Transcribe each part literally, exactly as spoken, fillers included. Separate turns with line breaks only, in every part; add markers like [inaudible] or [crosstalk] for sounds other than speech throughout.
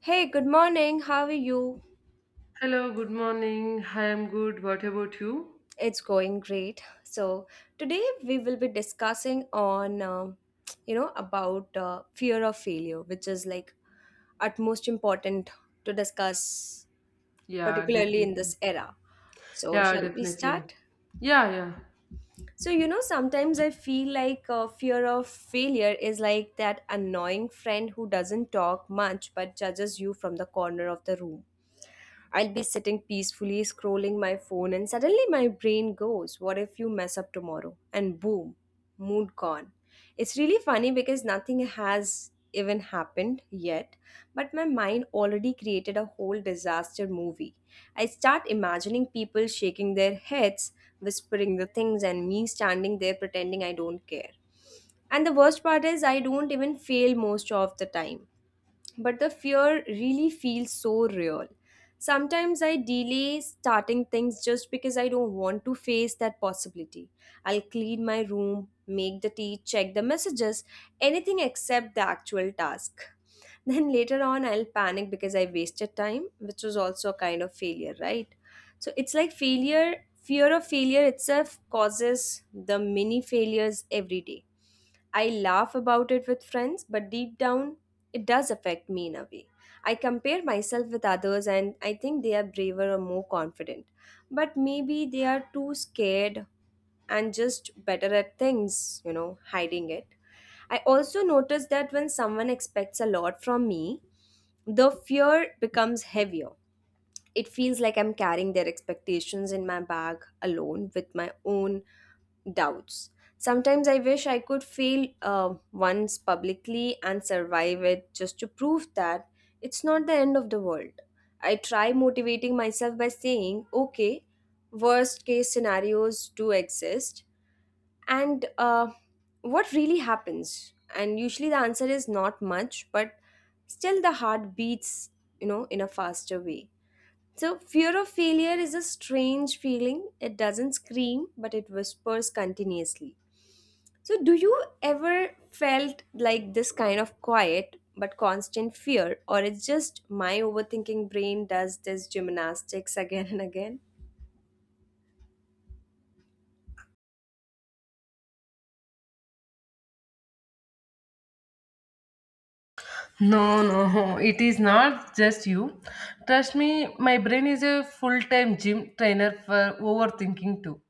Hey, good morning. How are you?
Hello, good morning. Hi, I'm good. What about you?
It's going great. So today we will be discussing on, um you know, about uh, fear of failure, which is like utmost important to discuss,
Yeah,
particularly in this
definitely.
era. So
Yeah,
shall we
definitely.
start?
Yeah, yeah.
So you know, sometimes I feel like uh, fear of failure is like that annoying friend who doesn't talk much but judges you from the corner of the room. I'll be sitting peacefully scrolling my phone, and suddenly my brain goes, "What if you mess up tomorrow?" And boom, mood gone. It's really funny because nothing has even happened yet, but my mind already created a whole disaster movie. I start imagining people shaking their heads, whispering the things, and me standing there pretending I don't care. And the worst part is, I don't even fail most of the time, but the fear really feels so real. Sometimes I delay starting things just because I don't want to face that possibility. I'll clean my room, make the tea, check the messages, anything except the actual task. [laughs] Then later on, I'll panic because I wasted time, which was also a kind of failure, right? So it's like failure, fear of failure itself causes the mini failures every day. I laugh about it with friends, but deep down, it does affect me in a way. I compare myself with others and I think they are braver or more confident. But maybe they are too scared and just better at things, you know, hiding it. I also notice that when someone expects a lot from me, the fear becomes heavier. It feels like I'm carrying their expectations in my bag alone with my own doubts. Sometimes I wish I could fail uh, once publicly and survive it just to prove that it's not the end of the world. I try motivating myself by saying, okay, worst case scenarios do exist, and uh, what really happens? And usually the answer is not much, but still the heart beats, you know, in a faster way. So, fear of failure is a strange feeling. It doesn't scream, but it whispers continuously. So, do you ever felt like this kind of quiet but constant fear, or it's just my overthinking brain does this gymnastics [laughs] again and again?
No, no, it is not just you. Trust me, my brain is a full time gym trainer for overthinking too.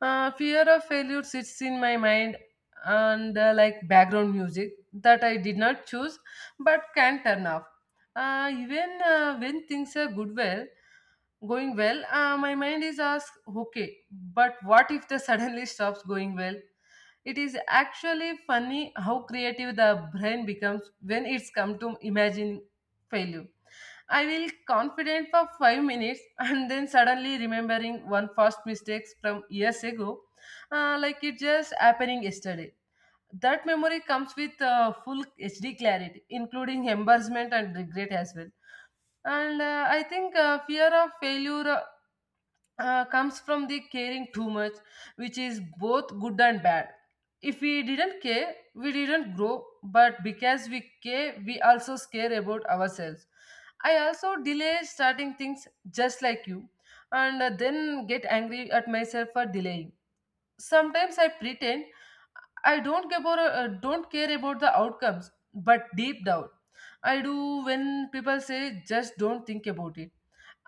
Uh, fear of failure sits in my mind and uh, like background music that I did not choose but can turn off. Uh, even uh, When things are good, well, going well, uh, my mind is asked, okay, but what if the [laughs] suddenly stops going well? It is actually funny how creative the brain becomes when it's come to imagining failure. I will confident for five minutes [laughs] and then suddenly remembering one past mistakes from years ago, uh, like it just happening yesterday. That memory comes with uh, full H D clarity, including embarrassment and regret as well. And uh, I think uh, Fear of failure uh, uh, comes from the caring too much, which is both good and bad. If we didn't care, we didn't grow, but because we care, we also care about ourselves. I also delay starting things just like you, and uh, then get angry at myself for delaying. Sometimes I pretend I don't care about, uh, don't care about the outcomes, but deep down, I do when people say just don't think about it.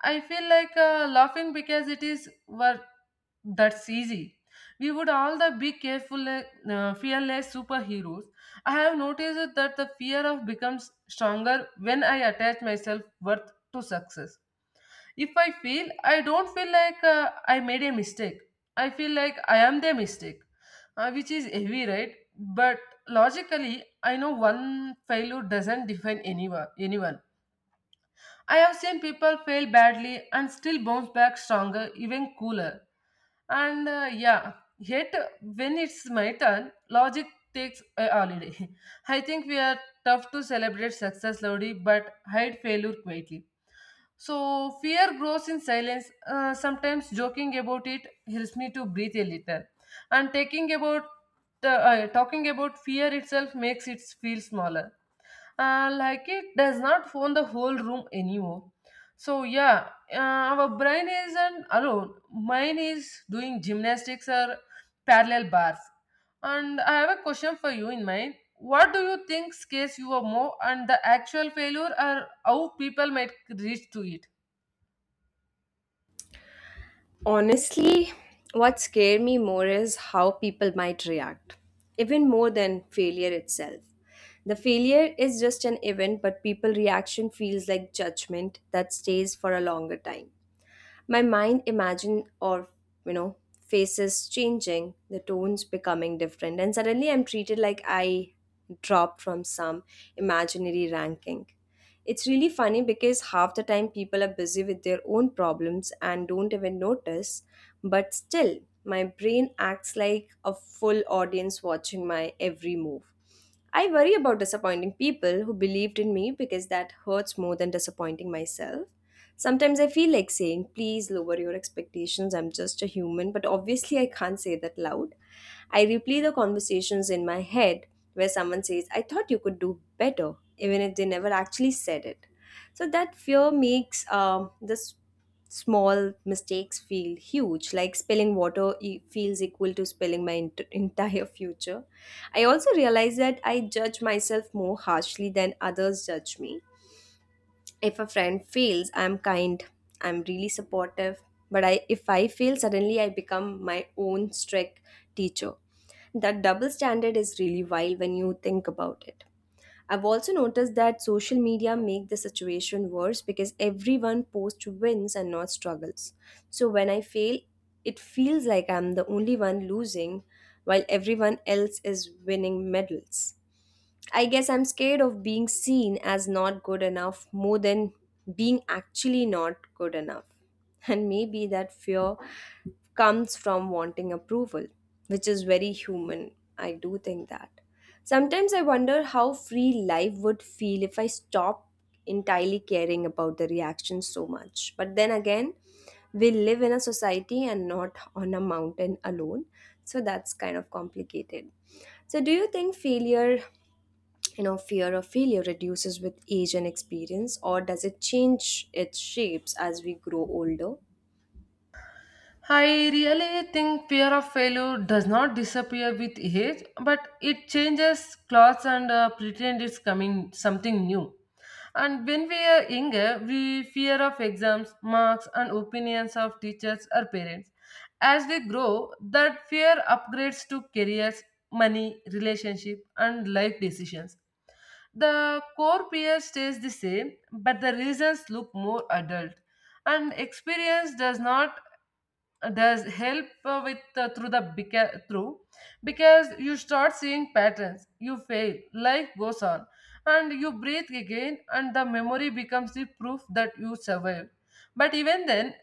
I feel like uh, laughing because it is well, that's easy. We would all the be careful, uh, fearless superheroes. I have noticed that the fear of becomes stronger when I attach myself worth to success. If I feel I don't feel like uh, I made a mistake, I feel like I am the mistake, uh, which is heavy, right? But logically, I know one failure doesn't define anyone. Anyone I have seen people fail badly and still bounce back stronger, even cooler. And uh, Yeah, yet when it's my turn, logic takes a holiday. [laughs] I think we are tough to celebrate success loudly but hide failure quietly. So fear grows in silence. Uh, sometimes joking about it helps me to breathe a little. And taking about uh, uh, talking about fear itself makes it feel smaller uh, like it does not own the whole room anymore. So yeah, uh, our brain isn't alone. Mine is doing gymnastics or parallel bars. And I have a question for you in mind. What do you think scares you more, and the actual failure, or how people might reach to it?
Honestly, what scared me more is how people might react, even more than failure itself. The failure is just an event, but people reaction feels like judgment that stays for a longer time. My mind imagine or you know faces changing, the tones becoming different, and suddenly I'm treated like I dropped from some imaginary ranking. It's really funny because half the time people are busy with their own problems and don't even notice, but still, my brain acts like a full audience watching my every move. I worry about disappointing people who believed in me because that hurts more than disappointing myself. Sometimes I feel like saying, "Please lower your expectations, I'm just a human," but obviously I can't say that loud. I replay the conversations in my head where someone says, "I thought you could do better," even if they never actually said it. So that fear makes um, this small mistakes feel huge, like spilling water e- feels equal to spilling my ent- [laughs] entire future. I also realize that I judge myself more harshly than others judge me. If a friend fails, I'm kind. I'm really supportive. But I, if I fail, suddenly I become my own strict teacher. That double standard is really wild when you think about it. I've also noticed that social media make the situation worse because everyone posts wins and not struggles. So when I fail, it feels like I'm the only one losing while everyone else is winning medals. I guess I'm scared of being seen as not good enough more than being actually not good enough. [laughs] And maybe that fear comes from wanting approval, which is very human. I do think that. Sometimes I wonder how free life would feel if I stopped entirely caring about the reaction so much. But then again, we live in a society and not on a mountain alone. So that's kind of complicated. So, do you think failure you know fear of failure reduces with age and experience, or does it change its shapes as we grow older?
I really think fear of failure does not disappear with age, but it changes clothes and uh, pretend it's coming something new. And when we are younger, we fear of exams, marks, and opinions of teachers or parents. As we grow, that fear upgrades to careers, money, relationship, and life decisions. The core fear stays the same, but the reasons look more adult. And experience does not uh, does help uh, with uh, through the beca- through because you start seeing patterns, you fail, life goes on and you breathe again, and the memory becomes the proof that you survived. But even then,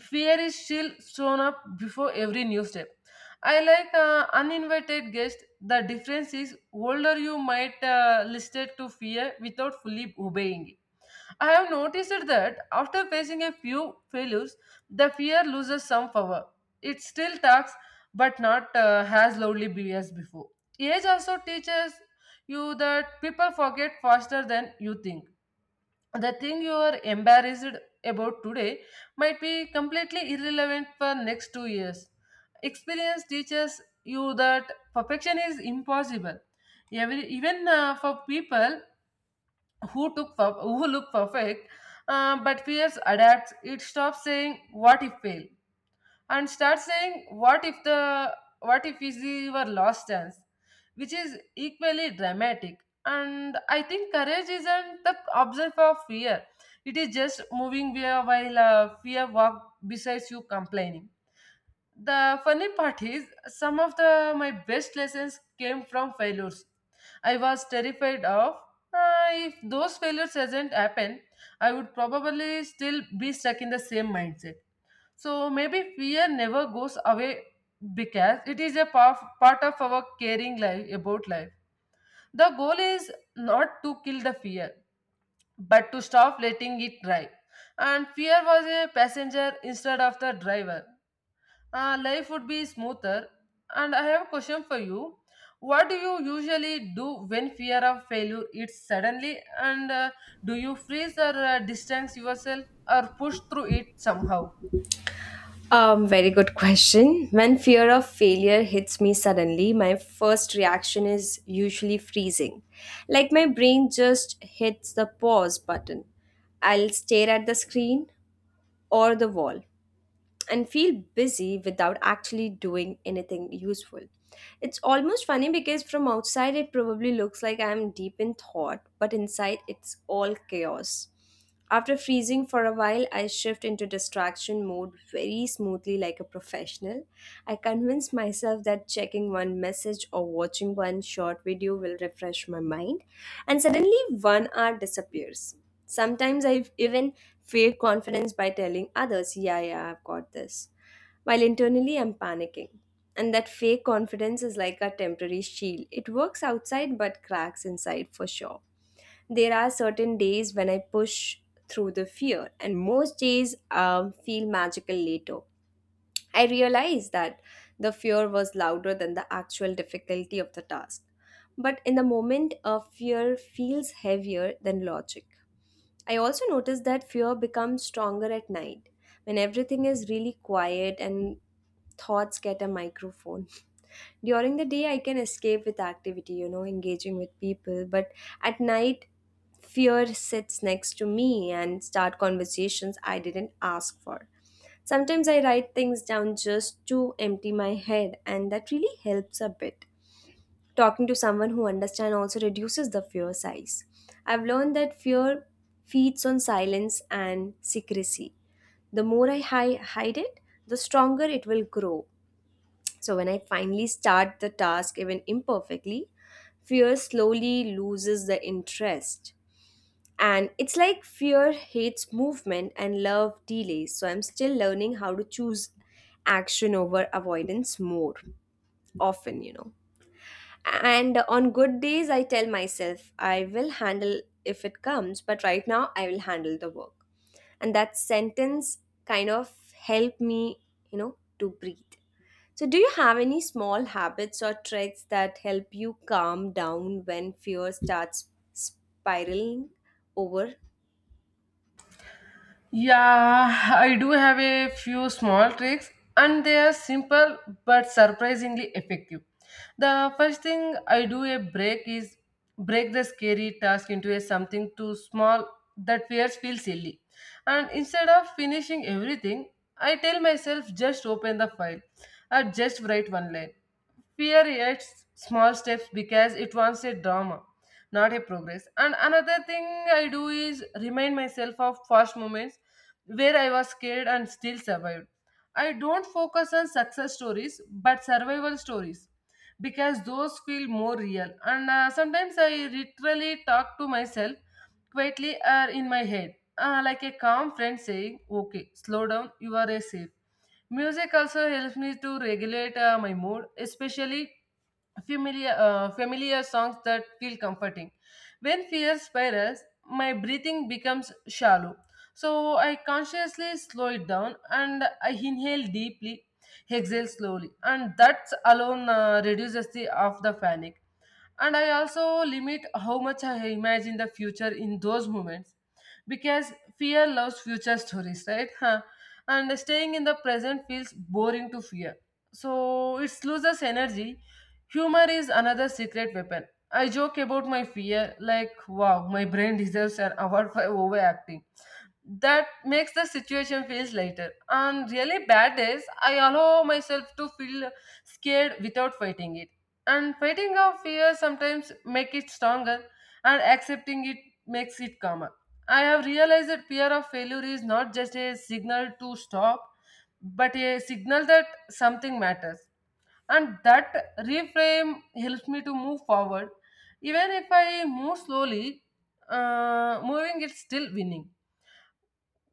fear is still shown up before every new step. I like uh, uninvited guest. The difference is older you might uh, listed to fear without fully obeying it. I have noticed that after facing a few failures, the fear loses some power. It still talks, but not uh, as loudly be- as before. Age also teaches you that people forget faster than you think. The thing you are embarrassed about today might be completely irrelevant for next two years. Experience teaches you that perfection is impossible. Every, even uh, for people who took per- who look perfect, uh, but fears adapts. It stops saying what if fail and starts saying what if the what if is your last chance, which is equally dramatic. And I think courage isn't the absence of fear. It is just moving where- while uh, fear walks besides you complaining. The funny part is, some of the my best lessons came from failures. I was terrified of uh, If those failures had not happened, I would probably still be stuck in the same mindset. So maybe fear never goes away because it is a pa- part of our caring life about life. The goal is not to kill the fear, but to stop letting it drive. And fear was a passenger instead of the driver, uh, life would be smoother. And I have a question for you. What do you usually do when fear of failure hits suddenly? And uh, do you freeze or uh, distance yourself or push through it somehow?
um Very good question. When fear of failure hits me suddenly, my first reaction is usually freezing, like my brain just hits the pause button. I'll stare at the screen or the wall and feel busy without actually doing anything useful. It's almost funny because from outside it probably looks like I'm deep in thought, but inside it's all chaos. After freezing for a while, I shift into distraction mode very smoothly, like a professional. I convince myself that checking one message or watching one short video will refresh my mind, and suddenly one hour disappears. Sometimes I even fake confidence by telling others, "Yeah, yeah, I've got this," while internally I'm panicking. And that fake confidence is like a temporary shield. It works outside but cracks inside for sure. There are certain days when I push through the fear, and most days um, feel magical later. I realized that the fear was louder than the actual difficulty of the task. But in the moment, a fear feels heavier than logic. I also noticed that fear becomes stronger at night when everything is really quiet and thoughts get a microphone. [laughs] During the day, I can escape with activity, you know, engaging with people, but at night, fear sits next to me and start conversations I didn't ask for. Sometimes I write things down just to empty my head, and that really helps a bit. Talking to someone who understands also reduces the fear size. I've learned that fear feeds on silence and secrecy. The more I hi- hide it, the stronger it will grow. So when I finally start the task, even imperfectly, fear slowly loses the interest. And it's like fear hates movement and love delays. So I'm still learning how to choose action over avoidance more often, you know. And on good days, I tell myself, "I will handle if it comes, but right now, I will handle the work." And that sentence kind of helped me, you know, to breathe. So, do you have any small habits or tricks that help you calm down when fear starts spiraling over?
Yeah, I do have a few small tricks, and they are simple but surprisingly effective. The first thing I do a break is break the scary task into a something too small that fears feel silly. And instead of finishing everything, I tell myself just open the file or just write one line. Fear hates small steps because it wants a drama, not a progress. And another thing I do is remind myself of past moments where I was scared and still survived. I don't focus on success stories but survival stories because those feel more real. And uh, sometimes I literally talk to myself quietly or in my head, uh, like a calm friend saying, okay, slow down, you are a safe. Music also helps me to regulate uh, my mood, especially familiar uh, familiar songs that feel comforting. When fear spirals, my breathing becomes shallow. So I consciously slow it down and I inhale deeply, exhale slowly, and that alone uh, reduces the of the panic. And I also limit how much I imagine the future in those moments because fear loves future stories, right? Huh. And staying in the present feels boring to fear. So it loses energy. Humor is another secret weapon. I joke about my fear like, wow, my brain deserves an award for overacting. That makes the situation feels lighter. On really bad days, I allow myself to feel scared without fighting it, and fighting our fear sometimes make it stronger, and accepting it makes it calmer. I have realized that fear of failure is not just a signal to stop, but a signal that something matters, and that reframe helps me to move forward. Even if I move slowly, uh, moving is still winning.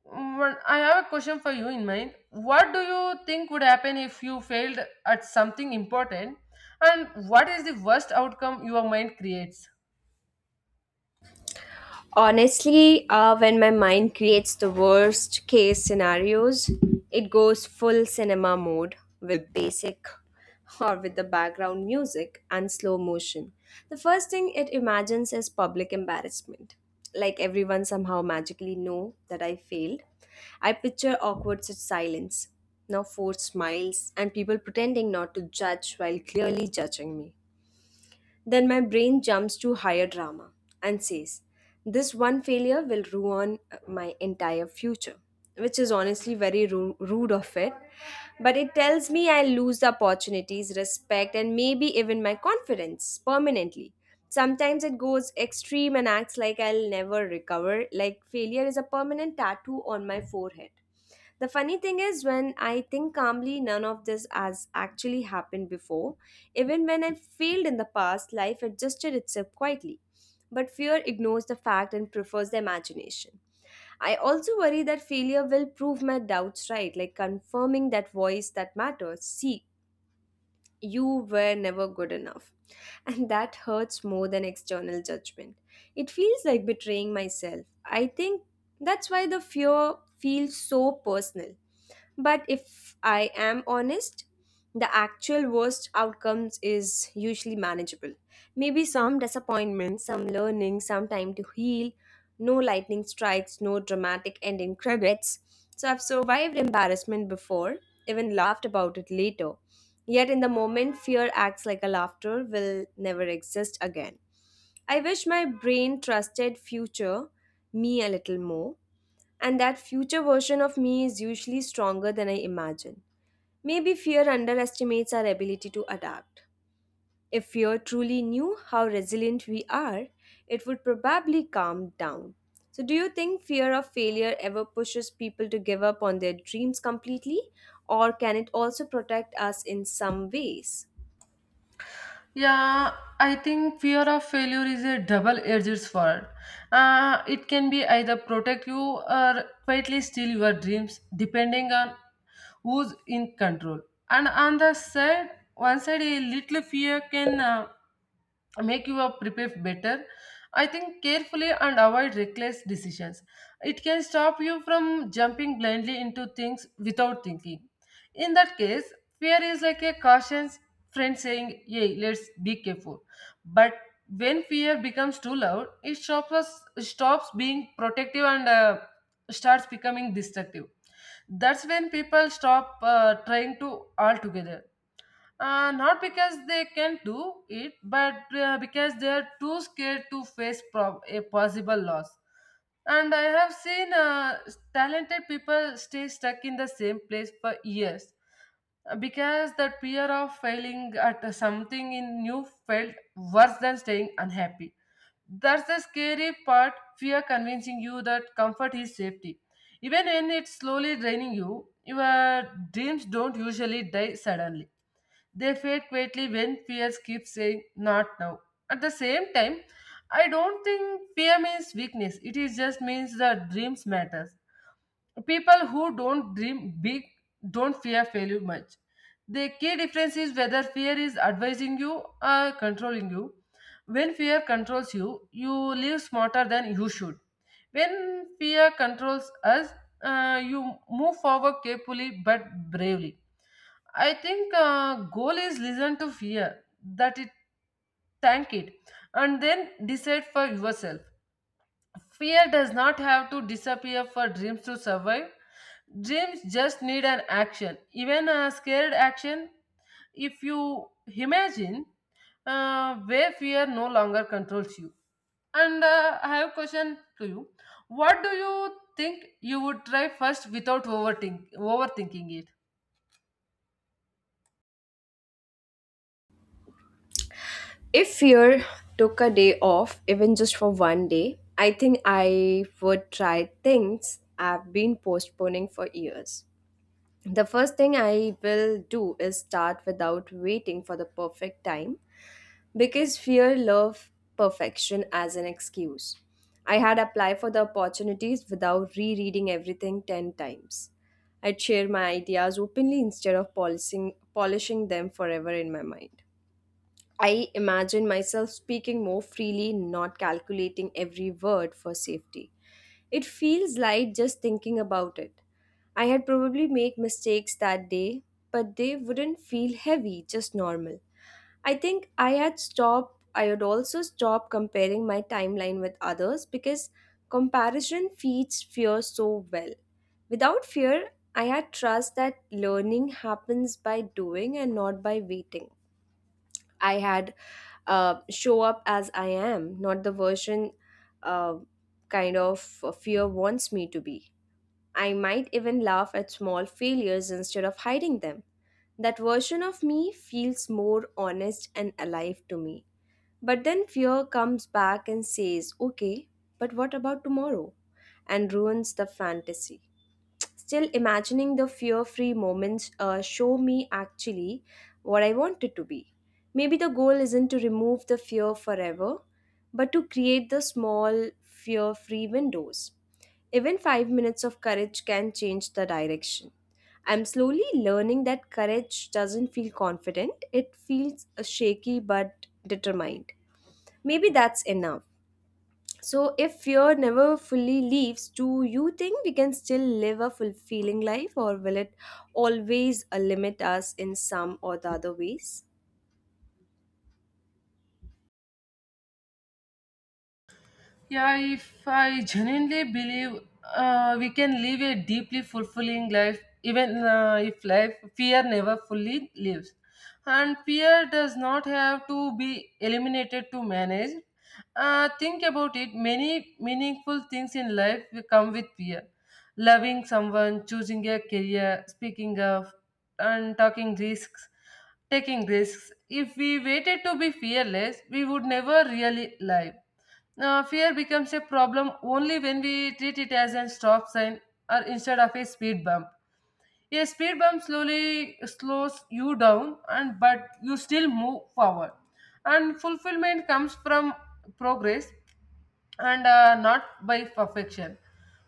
One, I have a question for you in mind. What do you think would happen if you failed at something important? And what is the worst outcome your mind creates?
Honestly, uh, when my mind creates the worst case scenarios, it goes full cinema mode with basic or with the background music and slow motion. The first thing it imagines is public embarrassment. Like everyone somehow magically know that I failed. I picture awkward sit- silence, now forced smiles, and people pretending not to judge while clearly judging me. Then my brain jumps to higher drama and says, "This one failure will ruin my entire future," which is honestly very ru- rude of it. But it tells me I lose the opportunities, respect, and maybe even my confidence permanently. Sometimes it goes extreme and acts like I'll never recover, like failure is a permanent tattoo on my forehead. The funny thing is, when I think calmly, none of this has actually happened before. Even when I failed in the past, life adjusted itself quietly. But fear ignores the fact and prefers the imagination. I also worry that failure will prove my doubts right, like confirming that voice that matters. See, you were never good enough. And that hurts more than external judgment. It feels like betraying myself. I think that's why the fear feels so personal. But if I am honest, the actual worst outcomes is usually manageable. Maybe some disappointment, some learning, some time to heal, no lightning strikes, no dramatic ending credits. So I've survived embarrassment before, even laughed about it later. Yet in the moment, fear acts like a laughter will never exist again. I wish my brain trusted future me a little more, and that future version of me is usually stronger than I imagine. Maybe fear underestimates our ability to adapt. If fear truly knew how resilient we are, it would probably calm down. So, do you think fear of failure ever pushes people to give up on their dreams completely, or can it also protect us in some ways?
Yeah, I think fear of failure is a double-edged sword. Uh, it can be either protect you or quietly steal your dreams, depending on who's in control. And on the side, One side, a little fear can uh, make you uh, prepare better. I think carefully and avoid reckless decisions. It can stop you from jumping blindly into things without thinking. In that case, fear is like a cautious friend saying hey, let's be careful. But when fear becomes too loud, it stops us, stops being protective and uh, starts becoming destructive. That's when people stop uh, trying to altogether, uh, not because they can't do it, but uh, because they are too scared to face prob- a possible loss. And I have seen uh, talented people stay stuck in the same place for years uh, because the fear of failing at something in new felt worse than staying unhappy. That's the scary part, fear convincing you that comfort is safety. Even when it's slowly draining you, your dreams don't usually die suddenly. They fade quietly when fears keep saying, not now. At the same time, I don't think fear means weakness. It is just means that dreams matters. People who don't dream big don't fear failure much. The key difference is whether fear is advising you or controlling you. When fear controls you, you live smarter than you should. When fear controls us, uh, you move forward carefully but bravely. I think uh, goal is listen to fear, that it thank it, and then decide for yourself. Fear does not have to disappear for dreams to survive. Dreams just need an action, even a scared action. If you imagine uh, where fear no longer controls you. And uh, I have a question to you. What do you think you would try first without overthink- overthinking it?
If fear took a day off, even just for one day, I think I would try things I've been postponing for years. The first thing I will do is start without waiting for the perfect time because fear love perfection as an excuse. I had applied for the opportunities without rereading everything ten times. I'd share my ideas openly instead of polishing, polishing them forever in my mind. I imagine myself speaking more freely, not calculating every word for safety. It feels light just thinking about it. I had probably made mistakes that day, but they wouldn't feel heavy, just normal. I think I had stopped, I had also stopped comparing my timeline with others because comparison feeds fear so well. Without fear, I had trust that learning happens by doing and not by waiting. I had uh, show up as I am, not the version uh, kind of fear wants me to be. I might even laugh at small failures instead of hiding them. That version of me feels more honest and alive to me. But then fear comes back and says, okay, but what about tomorrow? And ruins the fantasy. Still, imagining the fear free moments uh, show me actually what I want it to be. Maybe the goal isn't to remove the fear forever, but to create the small fear free windows. Even five minutes of courage can change the direction. I'm slowly learning that courage doesn't feel confident, it feels uh, shaky but determined. Maybe that's enough. So, if fear never fully leaves, do you think we can still live a fulfilling life, or will it always uh, limit us in some or the other ways?
Yeah, if I genuinely believe uh, we can live a deeply fulfilling life, even uh, if life fear never fully lives, and fear does not have to be eliminated to manage. Uh, think about it. Many meaningful things in life will come with fear. Loving someone, choosing a career, speaking up, and talking risks, taking risks. If we waited to be fearless, we would never really live. Now, fear becomes a problem only when we treat it as a stop sign or instead of a speed bump. A speed bump slowly slows you down, and but you still move forward. And fulfillment comes from progress, and uh, not by perfection.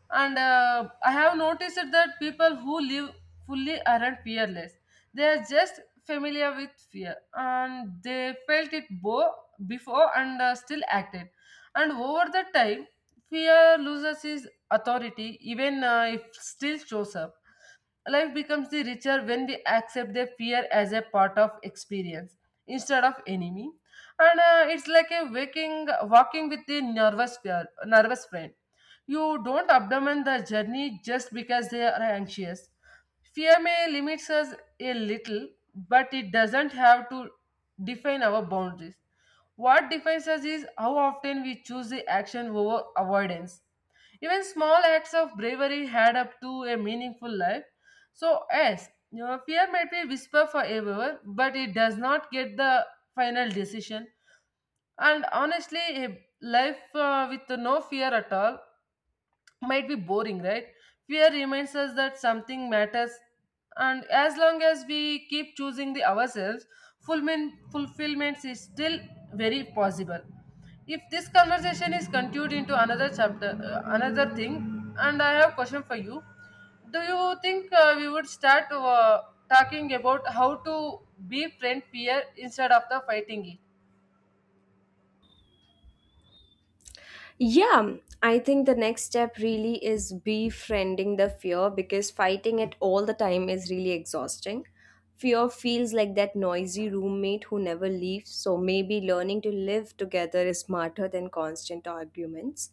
And uh, I have noticed that people who live fully aren't fearless. They are just familiar with fear, and they felt it bo- before and uh, still acted. And over the time, fear loses its authority, even uh, if still shows up. Life becomes the richer when we accept the fear as a part of experience instead of enemy, and uh, it's like a waking walking with the nervous fear, nervous friend. You don't abandon the journey just because they are anxious. Fear may limits us a little, but it doesn't have to define our boundaries. What defines us is how often we choose the action over avoidance. Even small acts of bravery add up to a meaningful life. So yes, your fear might be whisper forever, but it does not get the final decision. And honestly, a life uh, with no fear at all might be boring, right? Fear reminds us that something matters, and as long as we keep choosing the ourselves, fulfillment fulfillment is still very possible. If this conversation is continued into another chapter, uh, another thing, and I have a question for you. Do you think uh, we would start uh, talking about how to befriend fear instead of the fighting it?
Yeah, I think the next step really is befriending the fear because fighting it all the time is really exhausting. Fear feels like that noisy roommate who never leaves, so maybe learning to live together is smarter than constant arguments.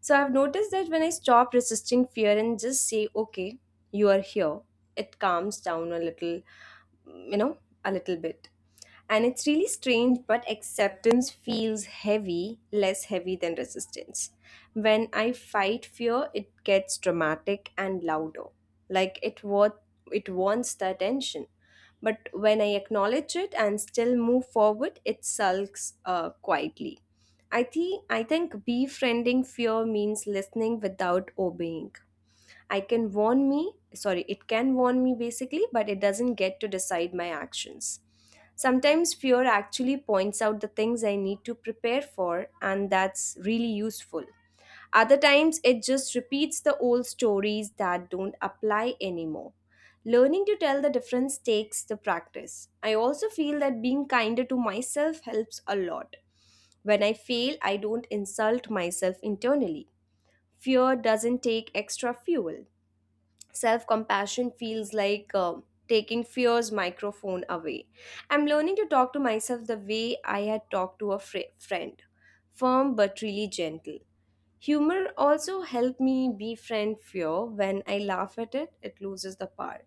So I've noticed that when I stop resisting fear and just say, okay, you are here, it calms down a little, you know, a little bit. And it's really strange, but acceptance feels heavy, less heavy than resistance. When I fight fear, it gets dramatic and louder. Like it wa- it wants the attention. But when I acknowledge it and still move forward, it sulks uh, quietly. I think I think befriending fear means listening without obeying. I can warn me, sorry, It can warn me basically, but it doesn't get to decide my actions. Sometimes fear actually points out the things I need to prepare for, and that's really useful. Other times, it just repeats the old stories that don't apply anymore. Learning to tell the difference takes the practice. I also feel that being kinder to myself helps a lot. When I fail, I don't insult myself internally. Fear doesn't take extra fuel. Self compassion feels like um taking fear's microphone away. I'm learning to talk to myself the way I had talked to a fri- friend, firm but really gentle. Humor also helped me befriend fear. When I laugh at it, it loses the power.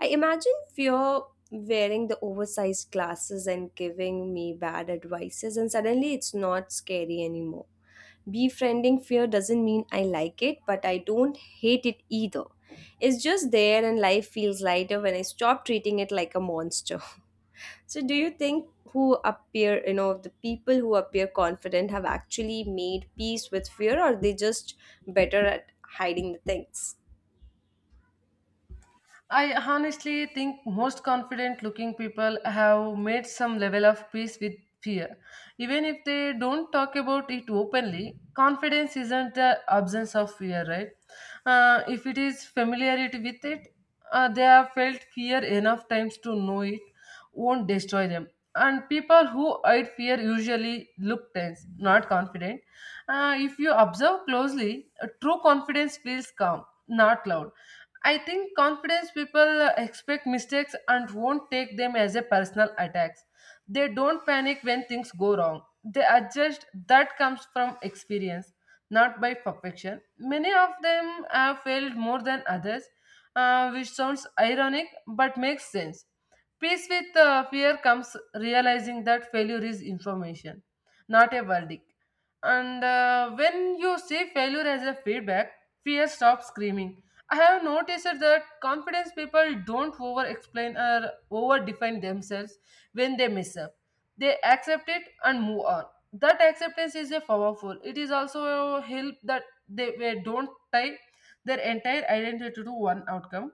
I imagine fear wearing the oversized glasses and giving me bad advices, and suddenly it's not scary anymore. Befriending fear doesn't mean I like it, but I don't hate it either. It's just there, and life feels lighter when I stop treating it like a monster. [laughs] So, do you think who appear, you know, the people who appear confident have actually made peace with fear, or they just better at hiding the things?
I honestly think most confident looking people have made some level of peace with fear. Even if they don't talk about it openly, confidence isn't the absence of fear, right? Uh, if it is familiarity with it, uh, they have felt fear enough times to know it won't destroy them. And people who hide fear usually look tense, not confident. Uh, if you observe closely, uh, true confidence feels calm, not loud. I think confidence people uh, expect mistakes and won't take them as a personal attacks. They don't panic when things go wrong. They adjust. That comes from experience, not by perfection. Many of them have failed more than others, uh, which sounds ironic but makes sense. Peace with uh, fear comes realizing that failure is information, not a verdict. And uh, When you see failure as a feedback, fear stops screaming. I have noticed that confidence people don't over explain or over define themselves when they mess up. They accept it and move on. That acceptance is a powerful. It is also a help that they, they don't tie their entire identity to one outcome,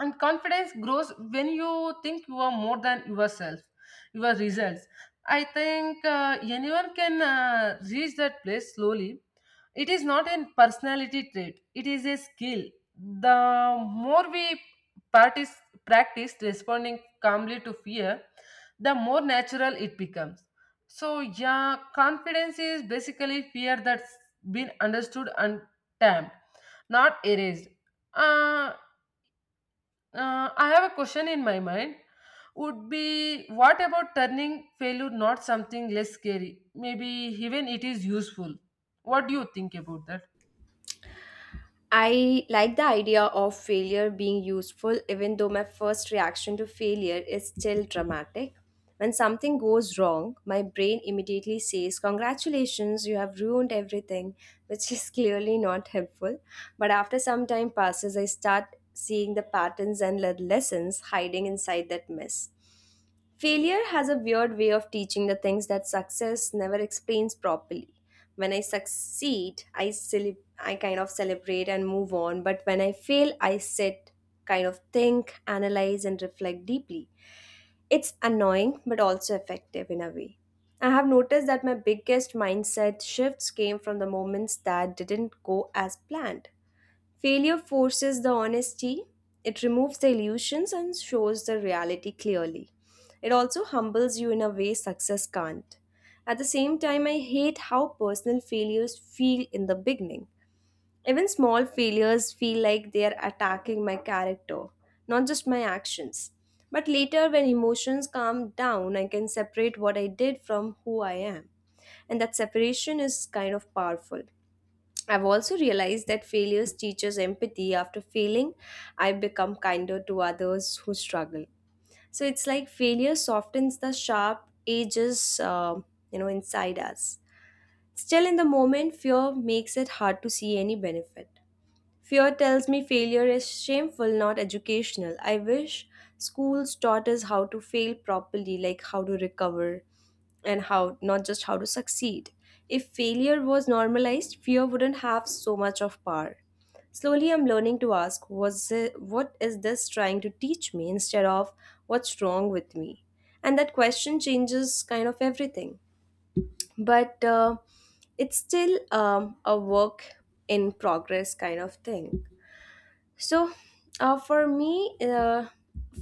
and confidence grows when you think you are more than yourself your results. I think uh, anyone can uh, reach that place slowly. It is not a personality trait, it is a skill. The more we practice practice responding calmly to fear, the more natural it becomes. So yeah, confidence is basically fear that's been understood and tamed, not erased. uh, uh, I have a question in my mind. Would be what about turning failure not something less scary? Maybe even it is useful. What do you think about that?
I like the idea of failure being useful, even though my first reaction to failure is still dramatic. When something goes wrong, my brain immediately says, congratulations, you have ruined everything, which is [laughs] clearly not helpful. But after some time passes, I start seeing the patterns and le- lessons hiding inside that mess. Failure has a weird way of teaching the things that success never explains properly. When I succeed, I cele- I kind of celebrate and move on, but when I fail, I sit, kind of think, analyze and reflect deeply. It's annoying but also effective in a way. I have noticed that my biggest mindset shifts came from the moments that didn't go as planned. Failure forces the honesty, it removes the illusions and shows the reality clearly. It also humbles you in a way success can't. At the same time, I hate how personal failures feel in the beginning. Even small failures feel like they are attacking my character, not just my actions. But later, when emotions calm down, I can separate what I did from who I am. And that separation is kind of powerful. I've also realized that failures teach us empathy. After failing, I become kinder to others who struggle. So it's like failure softens the sharp edges, uh, you know, inside us. Still, in the moment, fear makes it hard to see any benefit. Fear tells me failure is shameful, not educational. I wish schools taught us how to fail properly, like how to recover, and how not just how to succeed. If failure was normalized, fear wouldn't have so much of power. Slowly, I'm learning to ask, was it, what is this trying to teach me instead of what's wrong with me? And that question changes kind of everything. But uh, it's still um, a work in progress kind of thing. So, uh, for me, uh,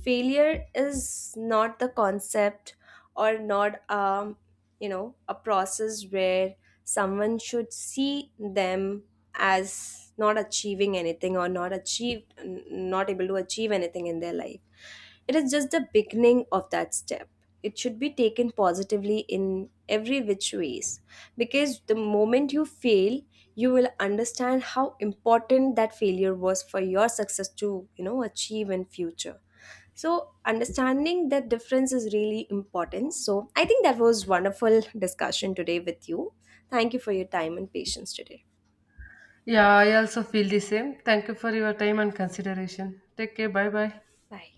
failure is not the concept or not, um, you know, a process where someone should see them as not achieving anything or not achieved, n- not able to achieve anything in their life. It is just the beginning of that step. It should be taken positively in every which ways, because the moment you fail, you will understand how important that failure was for your success to, you know, achieve in future. So understanding that difference is really important. So I think that was wonderful discussion today with you. Thank you for your time and patience today.
Yeah, I also feel the same. Thank you for your time and consideration. Take care. Bye bye.
Bye.